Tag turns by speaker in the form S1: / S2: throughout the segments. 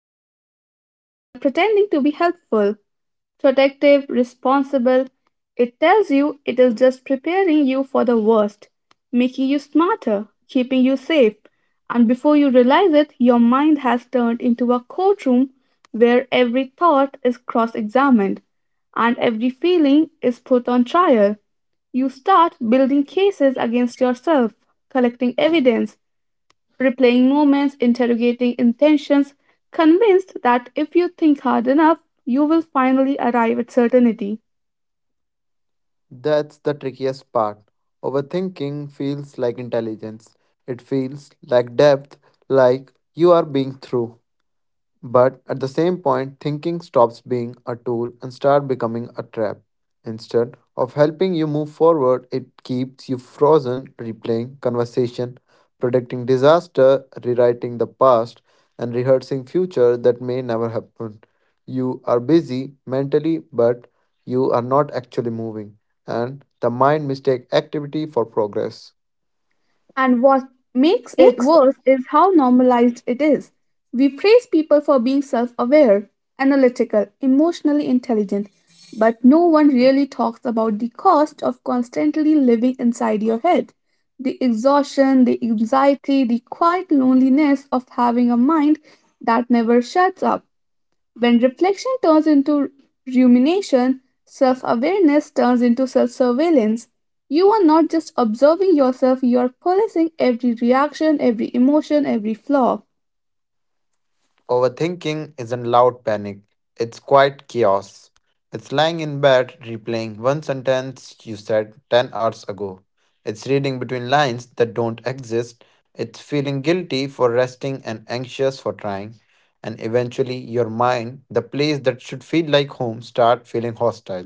S1: peace. It shows up pretending to be helpful, protective, responsible. It tells you it is just preparing you for the worst, making you smarter, keeping you safe. And before you realize it, your mind has turned into a courtroom where every thought is cross examined and every feeling is put on trial. You start building cases against yourself, collecting evidence, replaying moments, interrogating intentions, convinced that if you think hard enough, you will finally arrive at certainty.
S2: That's the trickiest part. Overthinking feels like intelligence. It feels like depth, like you are being through. But at the same point, thinking stops being a tool and start becoming a trap. Instead of helping you move forward, it keeps you frozen, replaying conversation, predicting disaster, rewriting the past, and rehearsing future that may never happen. You are busy mentally, but you are not actually moving, and the mind mistake activity for progress.
S1: And what makes it worse is how normalized it is. We praise people for being self aware, analytical, emotionally intelligent, but no one really talks about the cost of constantly living inside your head. The exhaustion, the anxiety, the quiet loneliness of having a mind that never shuts up. When reflection turns into rumination, self awareness turns into self surveillance. You are not just observing yourself, you are policing every reaction, every emotion, every flaw.
S2: Overthinking isn't loud panic, it's quiet chaos. It's lying in bed replaying one sentence you said 10 hours ago. It's reading between lines that don't exist. It's feeling guilty for resting and anxious for trying. And eventually, your mind, the place that should feel like home, start feeling hostile.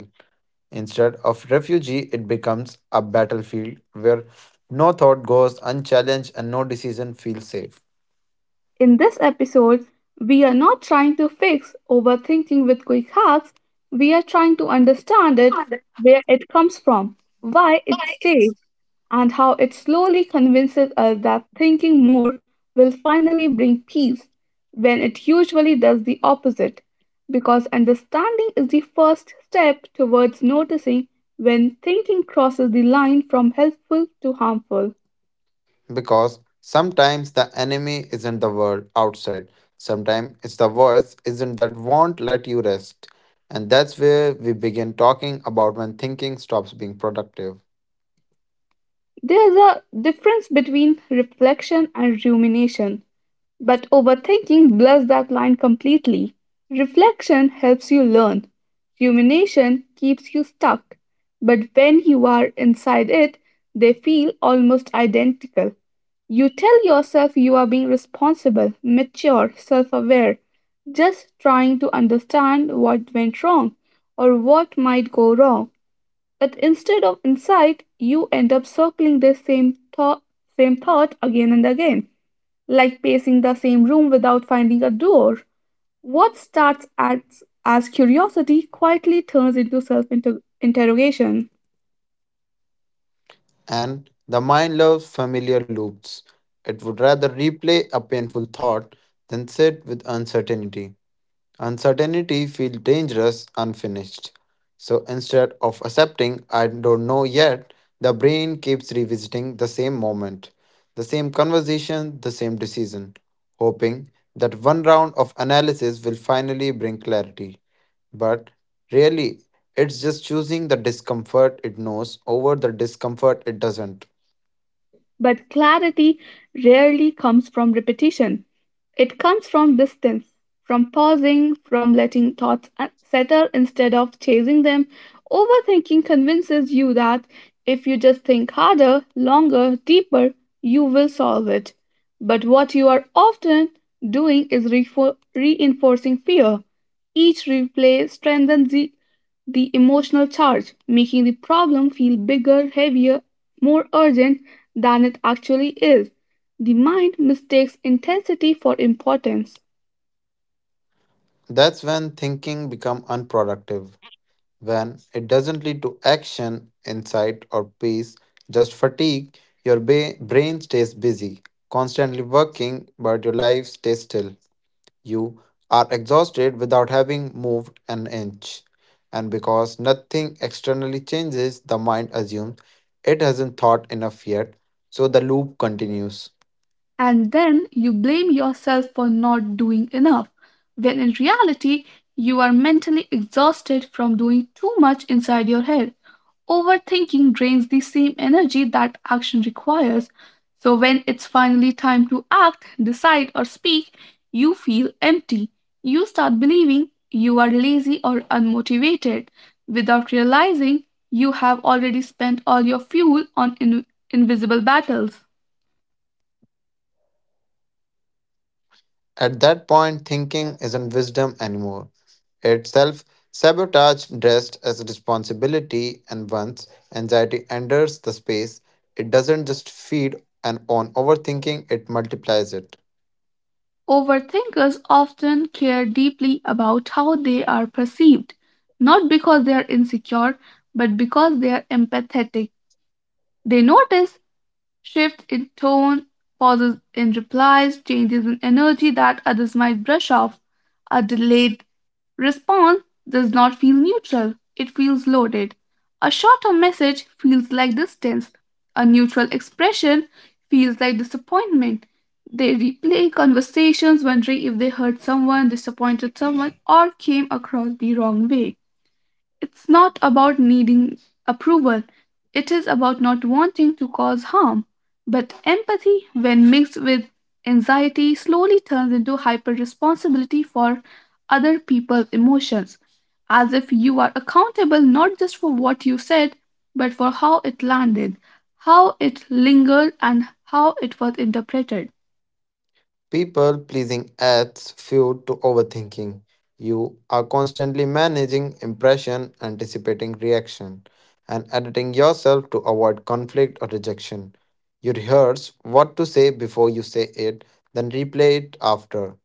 S2: Instead of refugee, it becomes a battlefield where no thought goes unchallenged and no decision feels safe.
S1: In this episode, we are not trying to fix overthinking with quick hacks, we are trying to understand it, where it comes from, why it stays, and how it slowly convinces us that thinking more will finally bring peace, when it usually does the opposite, because understanding is the first step towards noticing when thinking crosses the line from helpful to harmful.
S2: Because sometimes the enemy isn't the world outside, sometimes it's the voice isn't that won't let you rest. And that's where we begin talking about when thinking stops being productive.
S1: There's a difference between reflection and rumination, but overthinking blurs that line completely. Reflection helps you learn, rumination keeps you stuck. But when you are inside it, they feel almost identical. You tell yourself you are being responsible, mature, self aware, just trying to understand what went wrong or what might go wrong. But instead of insight, you end up circling the same thought, again and again, like pacing the same room without finding a door. What starts as curiosity quietly turns into self interrogation.
S2: And the mind loves familiar loops. It would rather replay a painful thought than sit with uncertainty. Uncertainty feels dangerous, unfinished. So instead of accepting, I don't know yet, the brain keeps revisiting the same moment, the same conversation, the same decision, hoping that one round of analysis will finally bring clarity. But really, it's just choosing the discomfort it knows over the discomfort it doesn't.
S1: But clarity rarely comes from repetition. It comes from distance, from pausing, from letting thoughts settle instead of chasing them. Overthinking convinces you that if you just think harder, longer, deeper, you will solve it. But what you are often doing is reinforcing fear. Each replay strengthens the emotional charge, making the problem feel bigger, heavier, more urgent than it actually is. The mind mistakes intensity for importance,
S2: That's when thinking becomes unproductive. When it doesn't lead to action, insight, or peace, just fatigue, your brain stays busy, constantly working, but your life stays still. You are exhausted without having moved an inch. And because nothing externally changes, the mind assumes it hasn't thought enough yet, so the loop continues.
S1: and then you blame yourself for not doing enough, when in reality, you are mentally exhausted from doing too much inside your head. Overthinking drains the same energy that action requires. So, when it's finally time to act, decide, or speak, you feel empty. You start believing you are lazy or unmotivated without realizing you have already spent all your fuel on invisible battles.
S2: At that point, thinking isn't wisdom anymore. It's self sabotage dressed as a responsibility, and once anxiety enters the space, it doesn't just feed and on overthinking, it multiplies it.
S1: Overthinkers often care deeply about how they are perceived, not because they are insecure, but because they are empathetic. They notice Shift in tone, pauses in replies, changes in energy that others might brush off. A delayed response does not feel neutral, it feels loaded. A shorter message feels like distance. A neutral expression feels like disappointment. They replay conversations wondering if they hurt someone, disappointed someone, or came across the wrong way. It's not about needing approval, it is about not wanting to cause harm. But empathy, when mixed with anxiety, slowly turns into hyper responsibility for other people's emotions, as if you are accountable not just for what you said, but for how it landed, how it lingered, and how it was interpreted.
S2: People pleasing adds fuel to overthinking. You are constantly managing impression, anticipating reaction, and editing yourself to avoid conflict or rejection. You rehearse what to say before you say it, then replay it after.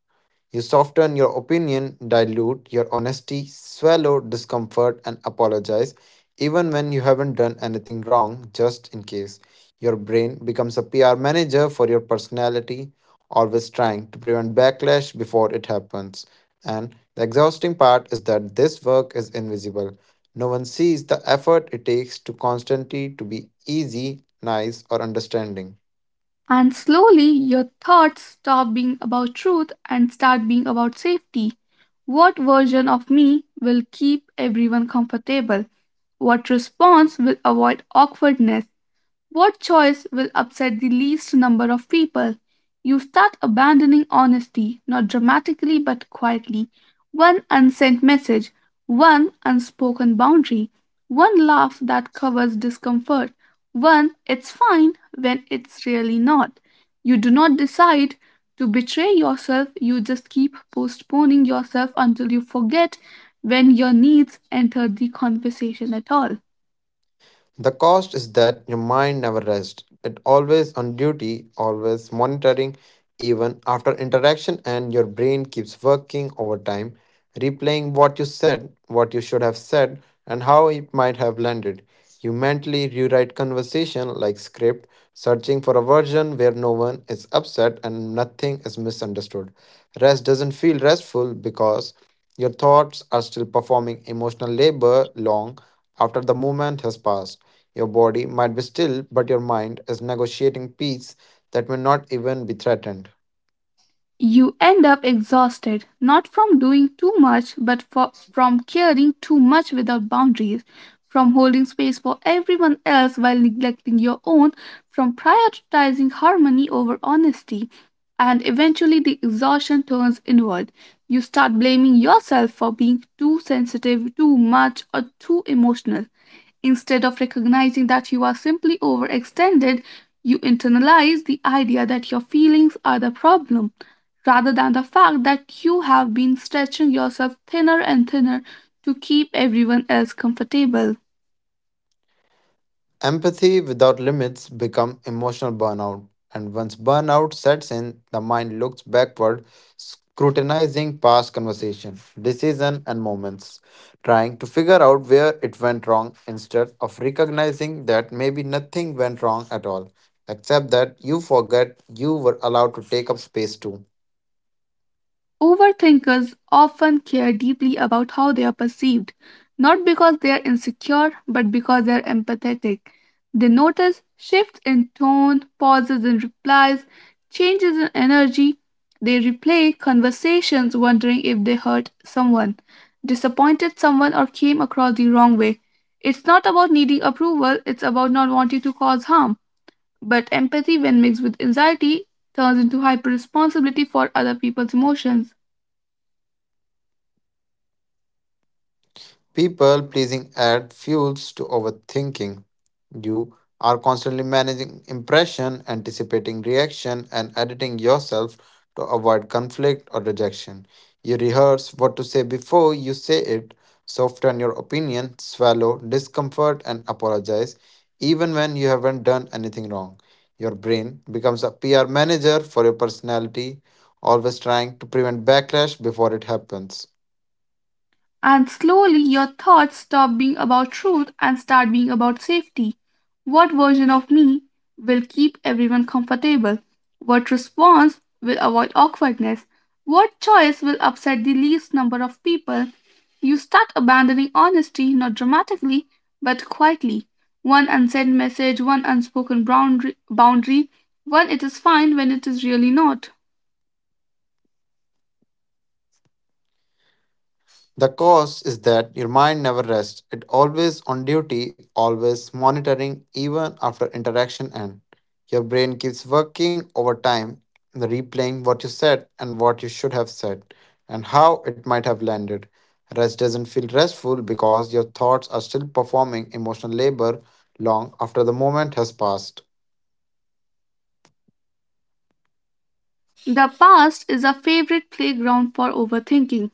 S2: You soften your opinion, dilute your honesty, swallow discomfort, and apologize even when you haven't done anything wrong, just in case. Your brain becomes a PR manager for your personality, always trying to prevent backlash before it happens. And the exhausting part is that this work is invisible. No one sees the effort it takes to constantly to be easy, nice, or understanding.
S1: And slowly, your thoughts stop being about truth and start being about safety. What version of me will keep everyone comfortable? What response will avoid awkwardness? What choice will upset the least number of people? You start abandoning honesty, not dramatically but quietly. One unsent message, one unspoken boundary, one laugh that covers discomfort, one it's fine when it's really not. You do not decide to betray yourself, you just keep postponing yourself until you forget when your needs enter the conversation at all.
S2: The cost is that your mind never rests. It always on duty, always monitoring even after interaction and your brain keeps working overtime, replaying what you said, what you should have said and how it might have landed. You mentally rewrite conversation like script, searching for a version where no one is upset and nothing is misunderstood. Rest doesn't feel restful because your thoughts are still performing emotional labor long after the moment has passed. Your body might be still, but your mind is negotiating peace that may not even be threatened.
S1: You end up exhausted, not from doing too much, but from caring too much without boundaries, from holding space for everyone else while neglecting your own, from prioritizing harmony over honesty, and eventually the exhaustion turns inward. You start blaming yourself for being too sensitive, too much, or too emotional. Instead of recognizing that you are simply overextended, you internalize the idea that your feelings are the problem rather than the fact that you have been stretching yourself thinner and thinner to keep everyone else comfortable.
S2: Empathy without limits become emotional burnout, and once burnout sets in, the mind looks backward, scrutinizing past conversation, decision, and moments, trying to figure out where it went wrong instead of recognizing that maybe nothing went wrong at all, except that you forget you were allowed to take up space too.
S1: Overthinkers often care deeply about how they are perceived, not because they are insecure, but because they are empathetic. They notice shifts in tone, pauses in replies, changes in energy. They replay conversations wondering if they hurt someone, disappointed someone, or came across the wrong way. It's not about needing approval, it's about not wanting to cause harm. But empathy, when mixed with anxiety, turns into hyper responsibility for other people's emotions.
S2: People pleasing add fuels to overthinking. You are constantly managing impression, anticipating reaction, and editing yourself to avoid conflict or rejection. You rehearse what to say before you say it, soften your opinion, swallow discomfort, and apologize even when you haven't done anything wrong. Your brain becomes a PR manager for your personality, always trying to prevent backlash before it happens.
S1: And slowly your thoughts stop being about truth and start being about safety. What version of me will keep everyone comfortable? What response will avoid awkwardness? What choice will upset the least number of people? You start abandoning honesty not dramatically but quietly. One unsent message, one unspoken boundary, one it is fine when it is really not.
S2: The cause is that your mind never rests. It always on duty, always monitoring even after interaction end. Your brain keeps working over time, replaying what you said and what you should have said and how it might have landed. Rest doesn't feel restful because your thoughts are still performing emotional labor long after the moment has passed.
S1: The past is a favorite playground for overthinking.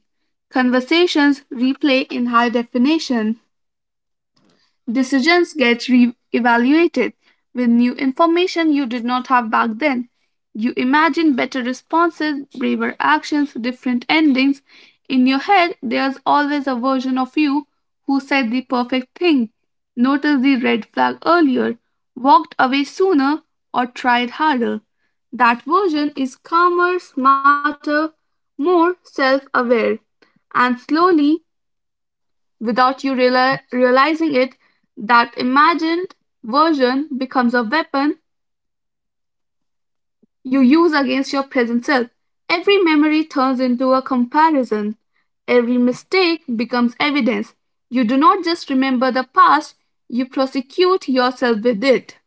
S1: Conversations replay in high definition. Decisions get re evaluated with new information you did not have back then. You imagine better responses, braver actions, different endings. In your head, there's always a version of you who said the perfect thing, noticed the red flag earlier, walked away sooner, or tried harder. That version is calmer, smarter, more self aware. And slowly, without you realizing it, that imagined version becomes a weapon you use against your present self. Every memory turns into a comparison. Every mistake becomes evidence. You do not just remember the past, you prosecute yourself with it.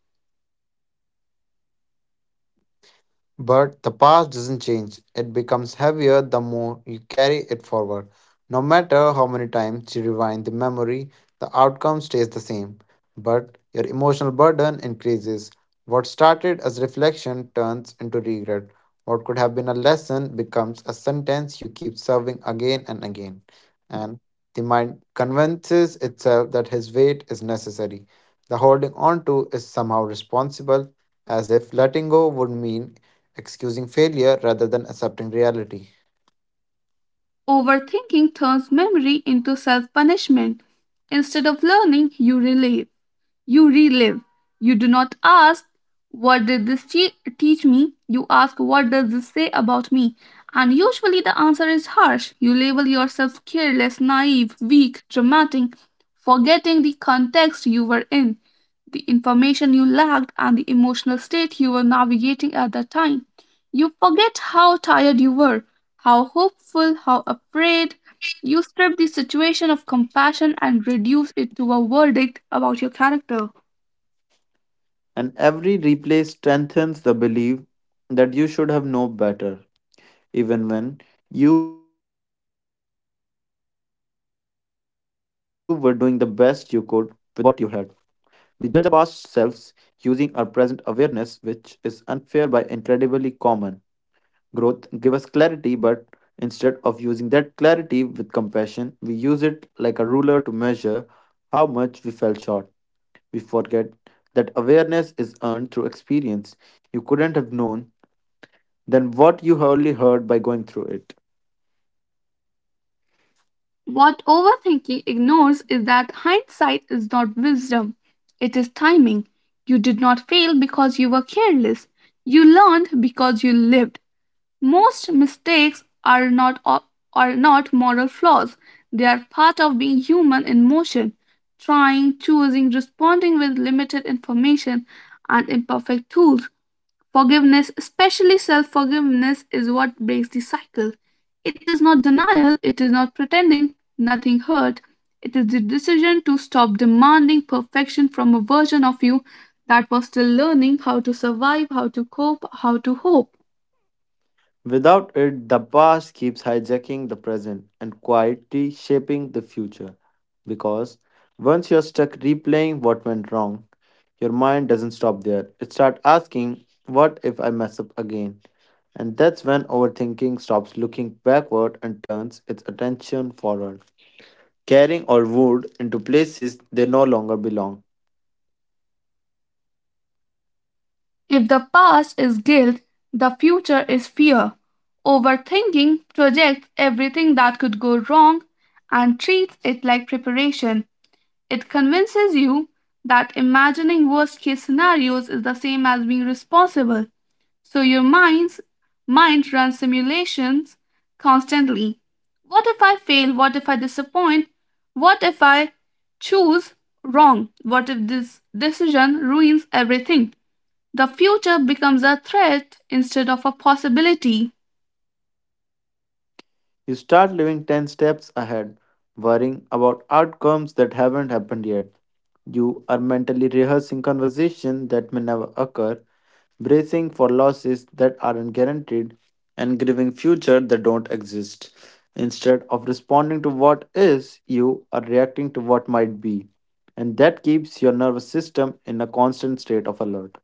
S2: But the past doesn't change. It becomes heavier the more you carry it forward. No matter how many times you rewind the memory, the outcome stays the same. But your emotional burden increases. What started as reflection turns into regret. What could have been a lesson becomes a sentence you keep serving again and again. And the mind convinces itself that his weight is necessary. The holding on to is somehow responsible as if letting go would mean excusing failure rather than accepting reality.
S1: Overthinking turns memory into self punishment. Instead of learning, you relive. You relive. You do not ask, what did this teach me? You ask, what does this say about me? And usually the answer is harsh. You label yourself careless, naive, weak, dramatic, forgetting the context you were in, the information you lacked, and the emotional state you were navigating at that time. You forget how tired you were, how hopeful, how afraid. You strip the situation of compassion and reduce it to a verdict about your character.
S2: And every replay strengthens the belief that you should have known better, even when you were doing the best you could with what you had. We judge our past selves using our present awareness, which is unfair but incredibly common. Growth gives us clarity, but instead of using that clarity with compassion, we use it like a ruler to measure how much we fell short. We forget that awareness is earned through experience. You couldn't have known than what you only heard by going through it.
S1: What overthinking ignores is that hindsight is not wisdom, it is timing. You did not fail because you were careless, you learned because you lived. Most mistakes are not moral flaws, they are part of being human in motion. Trying, choosing, responding with limited information and imperfect tools. Forgiveness, especially self forgiveness, is what breaks the cycle. It is not denial, it is not pretending nothing hurt. It is the decision to stop demanding perfection from a version of you that was still learning how to survive, how to cope, how to hope.
S2: Without it, the past keeps hijacking the present and quietly shaping the future. Because once you're stuck replaying what went wrong, your mind doesn't stop there. It starts asking, what if I mess up again? And that's when overthinking stops looking backward and turns its attention forward, carrying all wood into places they no longer belong.
S1: If the past is guilt, the future is fear. Overthinking projects everything that could go wrong and treats it like preparation. It convinces you that imagining worst case scenarios is the same as being responsible. So your mind's mind runs simulations constantly. What if I fail? What if I disappoint? What if I choose wrong? What if this decision ruins everything? The future becomes a threat instead of a possibility.
S2: You start living 10 steps ahead, worrying about outcomes that haven't happened yet. You are mentally rehearsing conversations that may never occur, bracing for losses that aren't guaranteed, and grieving future that don't exist. Instead of responding to what is, you are reacting to what might be. And that keeps your nervous system in a constant state of alert.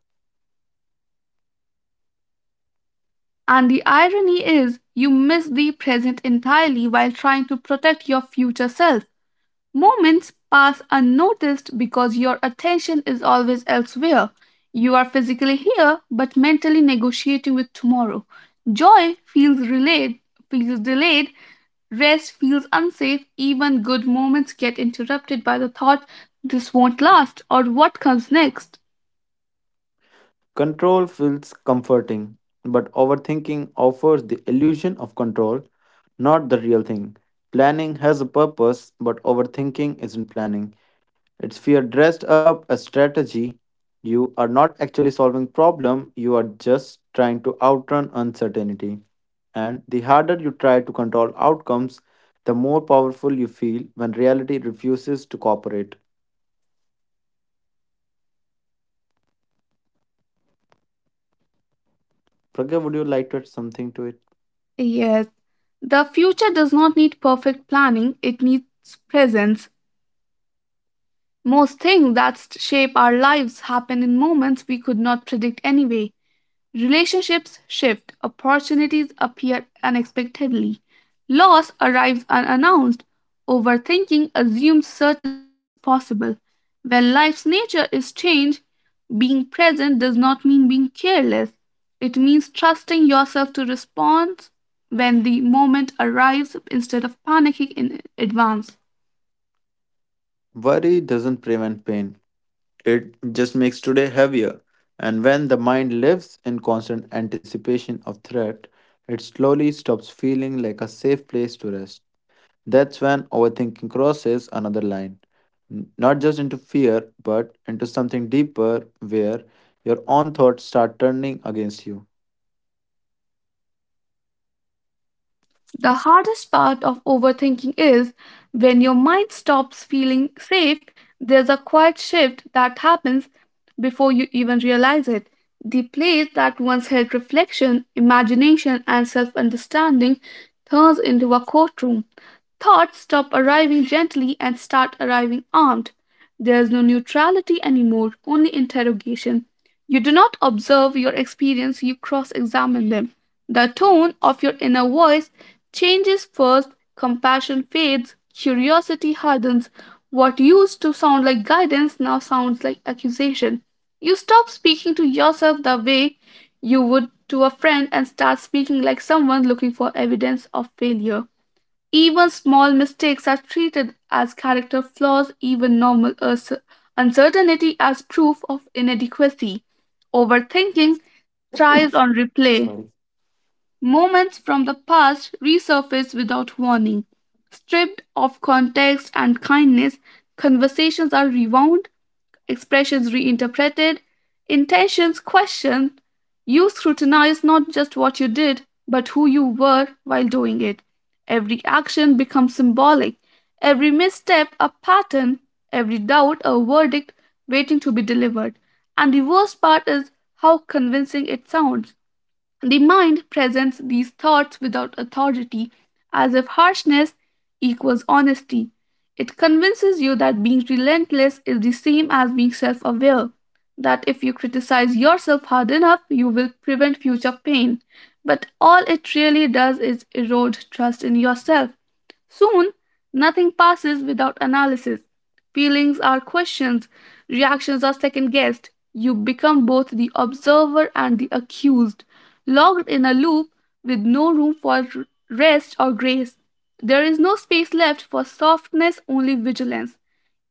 S1: And the irony is, you miss the present entirely while trying to protect your future self. Moments pass unnoticed because your attention is always elsewhere. You are physically here but mentally negotiating with tomorrow. Joy feels delayed, rest feels unsafe, even good moments get interrupted by the thought this won't last or what comes next.
S2: Control feels comforting, but overthinking offers the illusion of control, not the real thing. Planning has a purpose, but overthinking isn't planning. It's fear dressed up as strategy. You are not actually solving problem, you are just trying to outrun uncertainty. And the harder you try to control outcomes, the more powerful you feel when reality refuses to cooperate. Pragya, would you like to add something to it?
S1: Yes, the future does not need perfect planning, it needs presence. Most things that shape our lives happen in moments we could not predict anyway. Relationships shift, opportunities appear unexpectedly, loss arrives unannounced, overthinking assumes certainty is possible. When life's nature is changed, being present does not mean being careless. It means trusting yourself to respond when the moment arrives instead of panicking in advance.
S2: Worry doesn't prevent pain, it just makes today heavier. And when the mind lives in constant anticipation of threat, it slowly stops feeling like a safe place to rest. That's when overthinking crosses another line, not just into fear, but into something deeper where your own thoughts start turning against you.
S1: The hardest part of overthinking is when your mind stops feeling safe, there's a quiet shift that happens before you even realize it. The place that once held reflection, imagination, and self understanding turns into a courtroom. Thoughts stop arriving gently and start arriving armed. There is no neutrality anymore, only interrogation. You do not observe your experience, you cross examine them. The tone of your inner voice changes first, compassion fades, curiosity hardens. What used to sound like guidance now sounds like accusation. You stop speaking to yourself the way you would to a friend and start speaking like someone looking for evidence of failure. Even small mistakes are treated as character flaws, even normal uncertainty as proof of inadequacy. Overthinking thrives on replay.
S2: Sorry.
S1: Moments from the past resurface without warning. Stripped of context and kindness, conversations are rewound, expressions reinterpreted, intentions questioned. You scrutinize not just what you did, but who you were while doing it. Every action becomes symbolic, every misstep a pattern, every doubt a verdict waiting to be delivered. And the worst part is how convincing it sounds. The mind presents these thoughts without authority, as if harshness equals honesty. It convinces you that being relentless is the same as being self aware, that if you criticize yourself hard enough, you will prevent future pain. But all it really does is erode trust in yourself. Soon, nothing passes without analysis. Feelings are questioned, reactions are second guessed. You become both the observer and the accused, locked in a loop with no room for rest or grace. There is no space left for softness, only vigilance.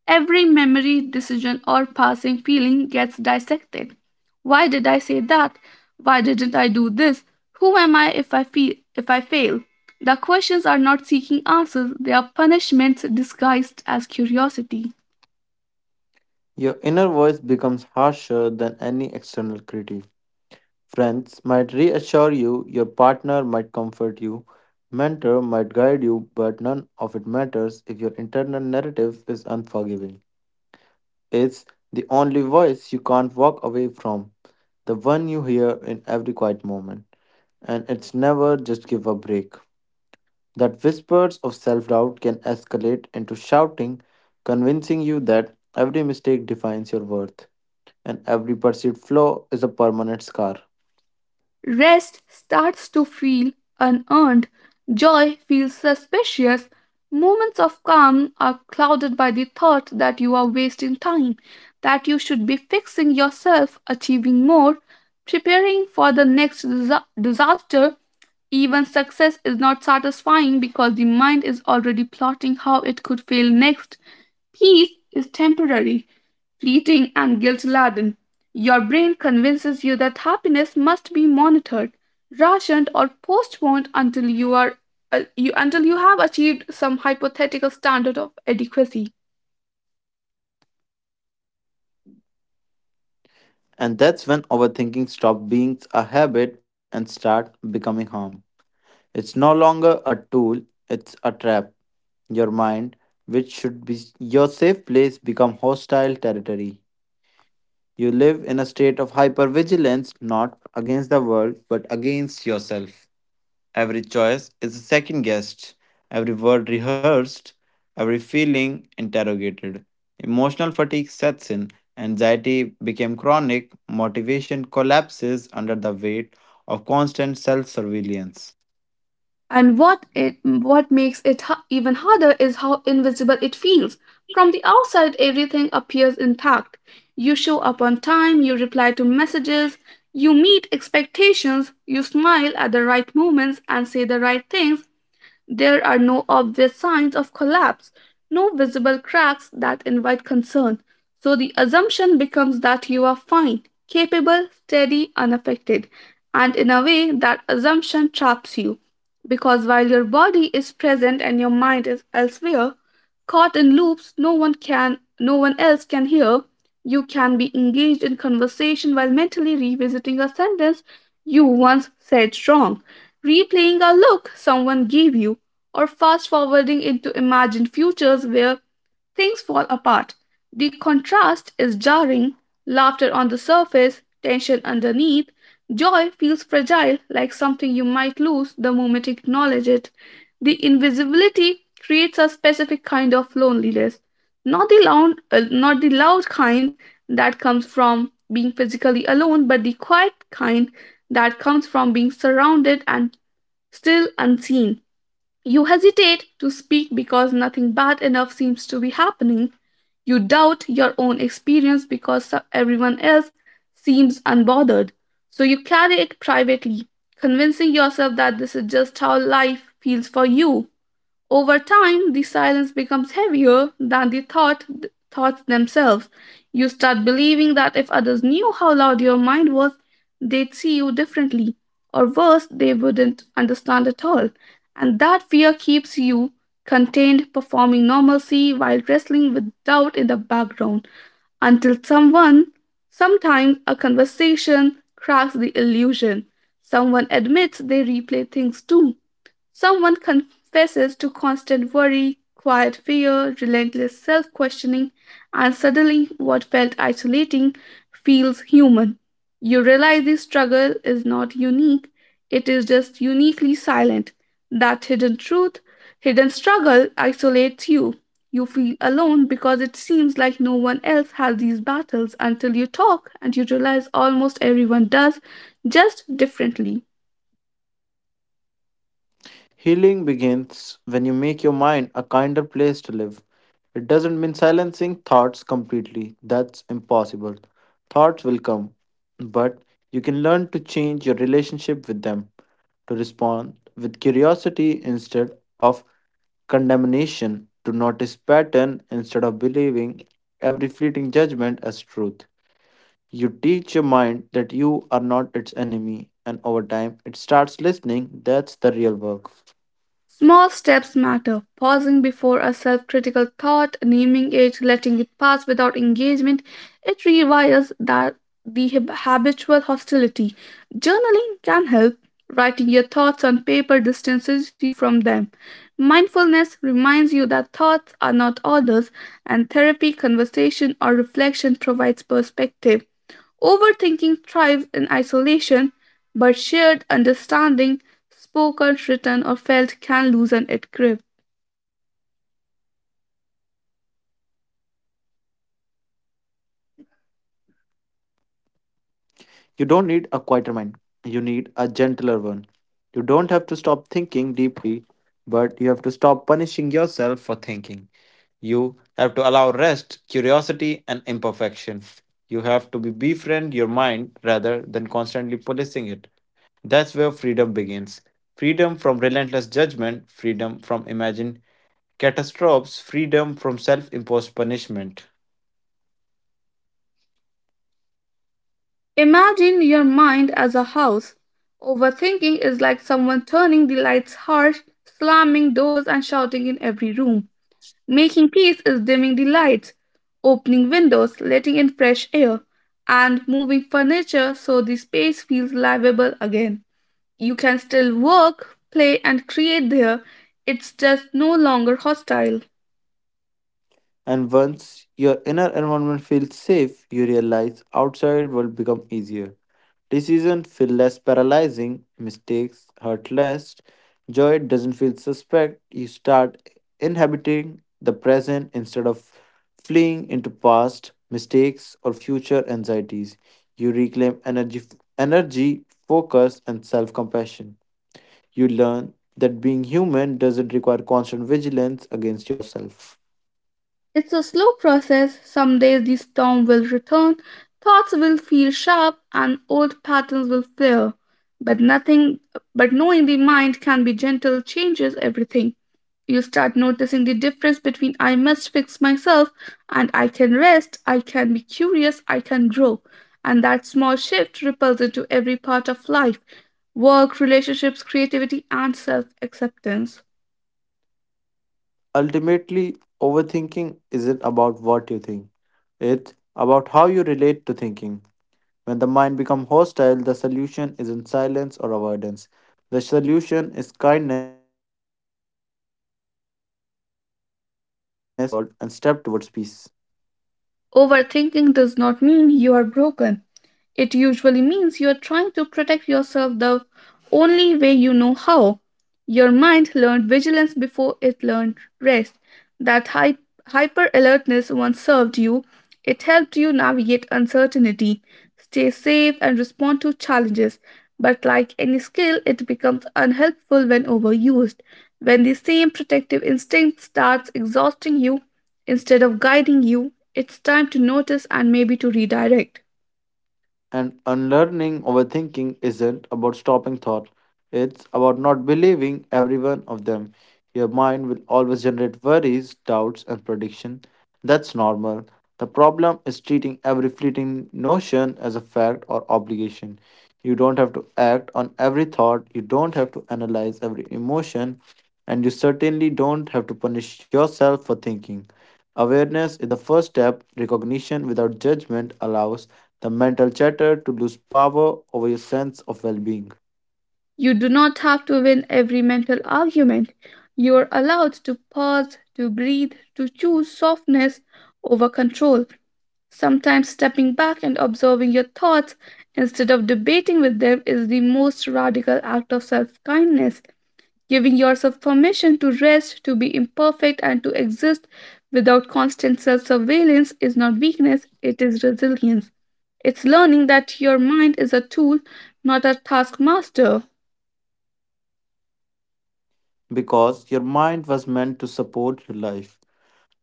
S1: Every memory, decision, or passing feeling gets dissected. Why did I say that? Why didn't I do this? Who am I if I feel, if I fail? The questions are not seeking answers, they are punishments disguised as curiosity.
S2: Your inner voice becomes harsher than any external critique. Friends might reassure you, your partner might comfort you, mentor might guide you, but none of it matters if your internal narrative is unforgiving. It's the only voice you can't walk away from, the one you hear in every quiet moment. And it's never just give a break. That whispers of self doubt can escalate into shouting, convincing you that every mistake defines your worth and every perceived flaw is a permanent scar.
S1: Rest starts to feel unearned. Joy feels suspicious. Moments of calm are clouded by the thought that you are wasting time, that you should be fixing yourself, achieving more, preparing for the next disaster. Even success is not satisfying because the mind is already plotting how it could fail next. Peace is temporary, fleeting, and guilt laden. Your brain convinces you that happiness must be monitored, rationed, or postponed until you are you until you have achieved some hypothetical standard of adequacy.
S2: And that's when overthinking stops being a habit and start becoming harm. It's no longer a tool, it's a trap. Your mind, which should be your safe place, become hostile territory. You live in a state of hypervigilance, not against the world, but against yourself. Every choice is second guessed, every word rehearsed, every feeling interrogated. Emotional fatigue sets in, anxiety became chronic, motivation collapses under the weight of constant self surveillance.
S1: And what makes it even harder is how invisible it feels. From the outside, everything appears intact. You show up on time, you reply to messages, you meet expectations, you smile at the right moments and say the right things. There are no obvious signs of collapse, no visible cracks that invite concern, so the assumption becomes that you are fine, capable, steady, unaffected. And in a way, that assumption traps you. Because while your body is present and your mind is elsewhere, caught in loops no one else can hear, you can be engaged in conversation while mentally revisiting a sentence you once said wrong, replaying a look someone gave you, or fast forwarding into imagined futures where things fall apart. The contrast is jarring, laughter on the surface, tension underneath. Joy feels fragile, like something you might lose the moment you acknowledge it. The invisibility creates a specific kind of loneliness, not the loud kind that comes from being physically alone, but the quiet kind that comes from being surrounded and still unseen. You hesitate to speak because nothing bad enough seems to be happening. You doubt your own experience because everyone else seems unbothered, so you carry it privately, convincing yourself that this is just how life feels for you. Over time, the silence becomes heavier than the thoughts themselves. You start believing that if others knew how loud your mind was, they'd see you differently, or worse, they wouldn't understand at all. And that fear keeps you contained, performing normalcy while wrestling with doubt in the background until someone, sometimes a conversation, cracks the illusion. Someone admits they replay things too. Someone confesses to constant worry, quiet fear, relentless self questioning, and suddenly what felt isolating feels human. You realize this struggle is not unique, it is just uniquely silent. That hidden truth, hidden struggle isolates you. You feel alone because it seems like no one else has these battles, until you talk and you realize almost everyone does, just differently.
S2: Healing begins when you make your mind a kinder place to live. It doesn't mean silencing thoughts completely, that's impossible. Thoughts will come, but you can learn to change your relationship with them, to respond with curiosity instead of condemnation, to notice pattern instead of believing every fleeting judgment as truth. You teach your mind that you are not its enemy, and over time it starts listening. That's the real work.
S1: Small steps matter. Pausing before a self critical thought, naming it, letting it pass without engagement, it rewires habitual hostility. Journaling can help. Writing your thoughts on paper distances you from them. Mindfulness reminds you that thoughts are not orders, and therapy, conversation, or reflection provides perspective. Overthinking thrives in isolation, but shared understanding, spoken, written, or felt, can loosen its grip.
S2: You don't need a quieter mind, you need a gentler one. You don't have to stop thinking deeply, but you have to stop punishing yourself for thinking. You have to allow rest, curiosity, and imperfection. You have to be befriend your mind rather than constantly policing it. That's where freedom begins. Freedom from relentless judgment, freedom from imagined catastrophes, freedom from self imposed punishment.
S1: Imagine your mind as a house. Overthinking is like someone turning the lights harsh, slamming doors, and shouting in every room. Making peace is dimming the lights, opening windows, letting in fresh air, and moving furniture so the space feels livable again. You can still work, play, and create there, it's just no longer hostile.
S2: And once your inner environment feels safe, you realize outside will become easier. Decisions feel less paralyzing, mistakes hurt less, joy doesn't feel suspect. You start inhabiting the present instead of fleeing into past mistakes or future anxieties. You reclaim energy, focus, and self-compassion. You learn that being human doesn't require constant vigilance against yourself.
S1: It's a slow process. Some days the storm will return, thoughts will feel sharp, and old patterns will flare. But nothing, but knowing the mind can be gentle changes everything. You start noticing the difference between I must fix myself and I can rest, I can be curious, I can grow. And that small shift ripples into every part of life: work, relationships, creativity, and self acceptance.
S2: Ultimately, overthinking isn't about what you think, it's about how you relate to thinking. When the mind becomes hostile, the solution isn't silence or avoidance. The solution is kindness, curiosity, and presence. That's how we reclaim our inner world and step towards peace.
S1: Overthinking does not mean you are broken. It usually means you're trying to protect yourself the only way you know how. Your mind learned vigilance before it learned rest. That hyper alertness once served you, it helped you navigate uncertainty, stay safe, and respond to challenges. But like any skill, it becomes unhelpful when overused. When the same protective instinct starts exhausting you instead of guiding you, it's time to notice and maybe to redirect.
S2: And unlearning overthinking isn't about stopping thought, it's about not believing every one of them. Your mind will always generate worries, doubts, and prediction. That's normal. The problem is treating every fleeting notion as a fact or obligation. You don't have to act on every thought, you don't have to analyze every emotion, and you certainly don't have to punish yourself for thinking. Awareness is the first step. Recognition without judgment allows the mental chatter to lose power over your sense of well being.
S1: You do not have to win every mental argument. You're allowed to pause, to breathe, to choose softness over control. Sometimes stepping back and observing your thoughts instead of debating with them is the most radical act of self kindness. Giving yourself permission to rest, to be imperfect, and to exist without constant self surveillance is not weakness, it is resilience. It's learning that your mind is a tool, not a taskmaster.
S2: Because your mind was meant to support your life,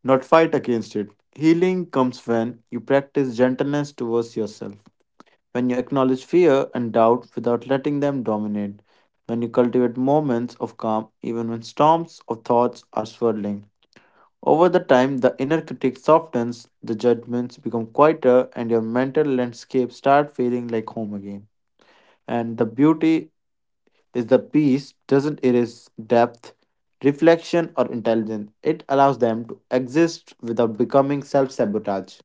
S2: not fight against it. Healing comes when you practice gentleness towards yourself, when you acknowledge fear and doubt without letting them dominate, when you cultivate moments of calm even when storms of thoughts are swirling. Over the time, the inner critic softens, the judgments become quieter, and your mental landscape start feeling like home again. And the beauty is the peace doesn't erase depth, reflection, or intelligence. It allows them to exist without becoming self sabotage.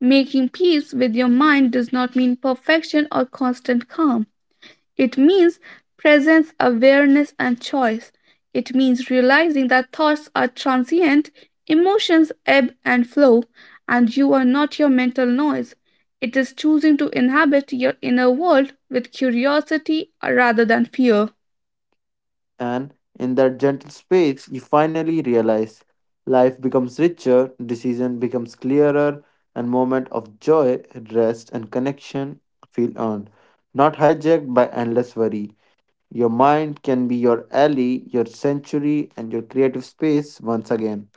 S1: Making peace with your mind does not mean perfection or constant calm. It means presence, awareness, and choice. It means realizing that thoughts are transient, emotions ebb and flow, and you are not your mental noise. It is choosing to inhabit your inner world with curiosity rather than fear.
S2: And in that gentle space you finally realize life becomes richer, decision becomes clearer, and moment of joy, rest and connection feel earned, not hijacked by endless worry. Your mind can be your alley, your sanctuary, and your creative space once again.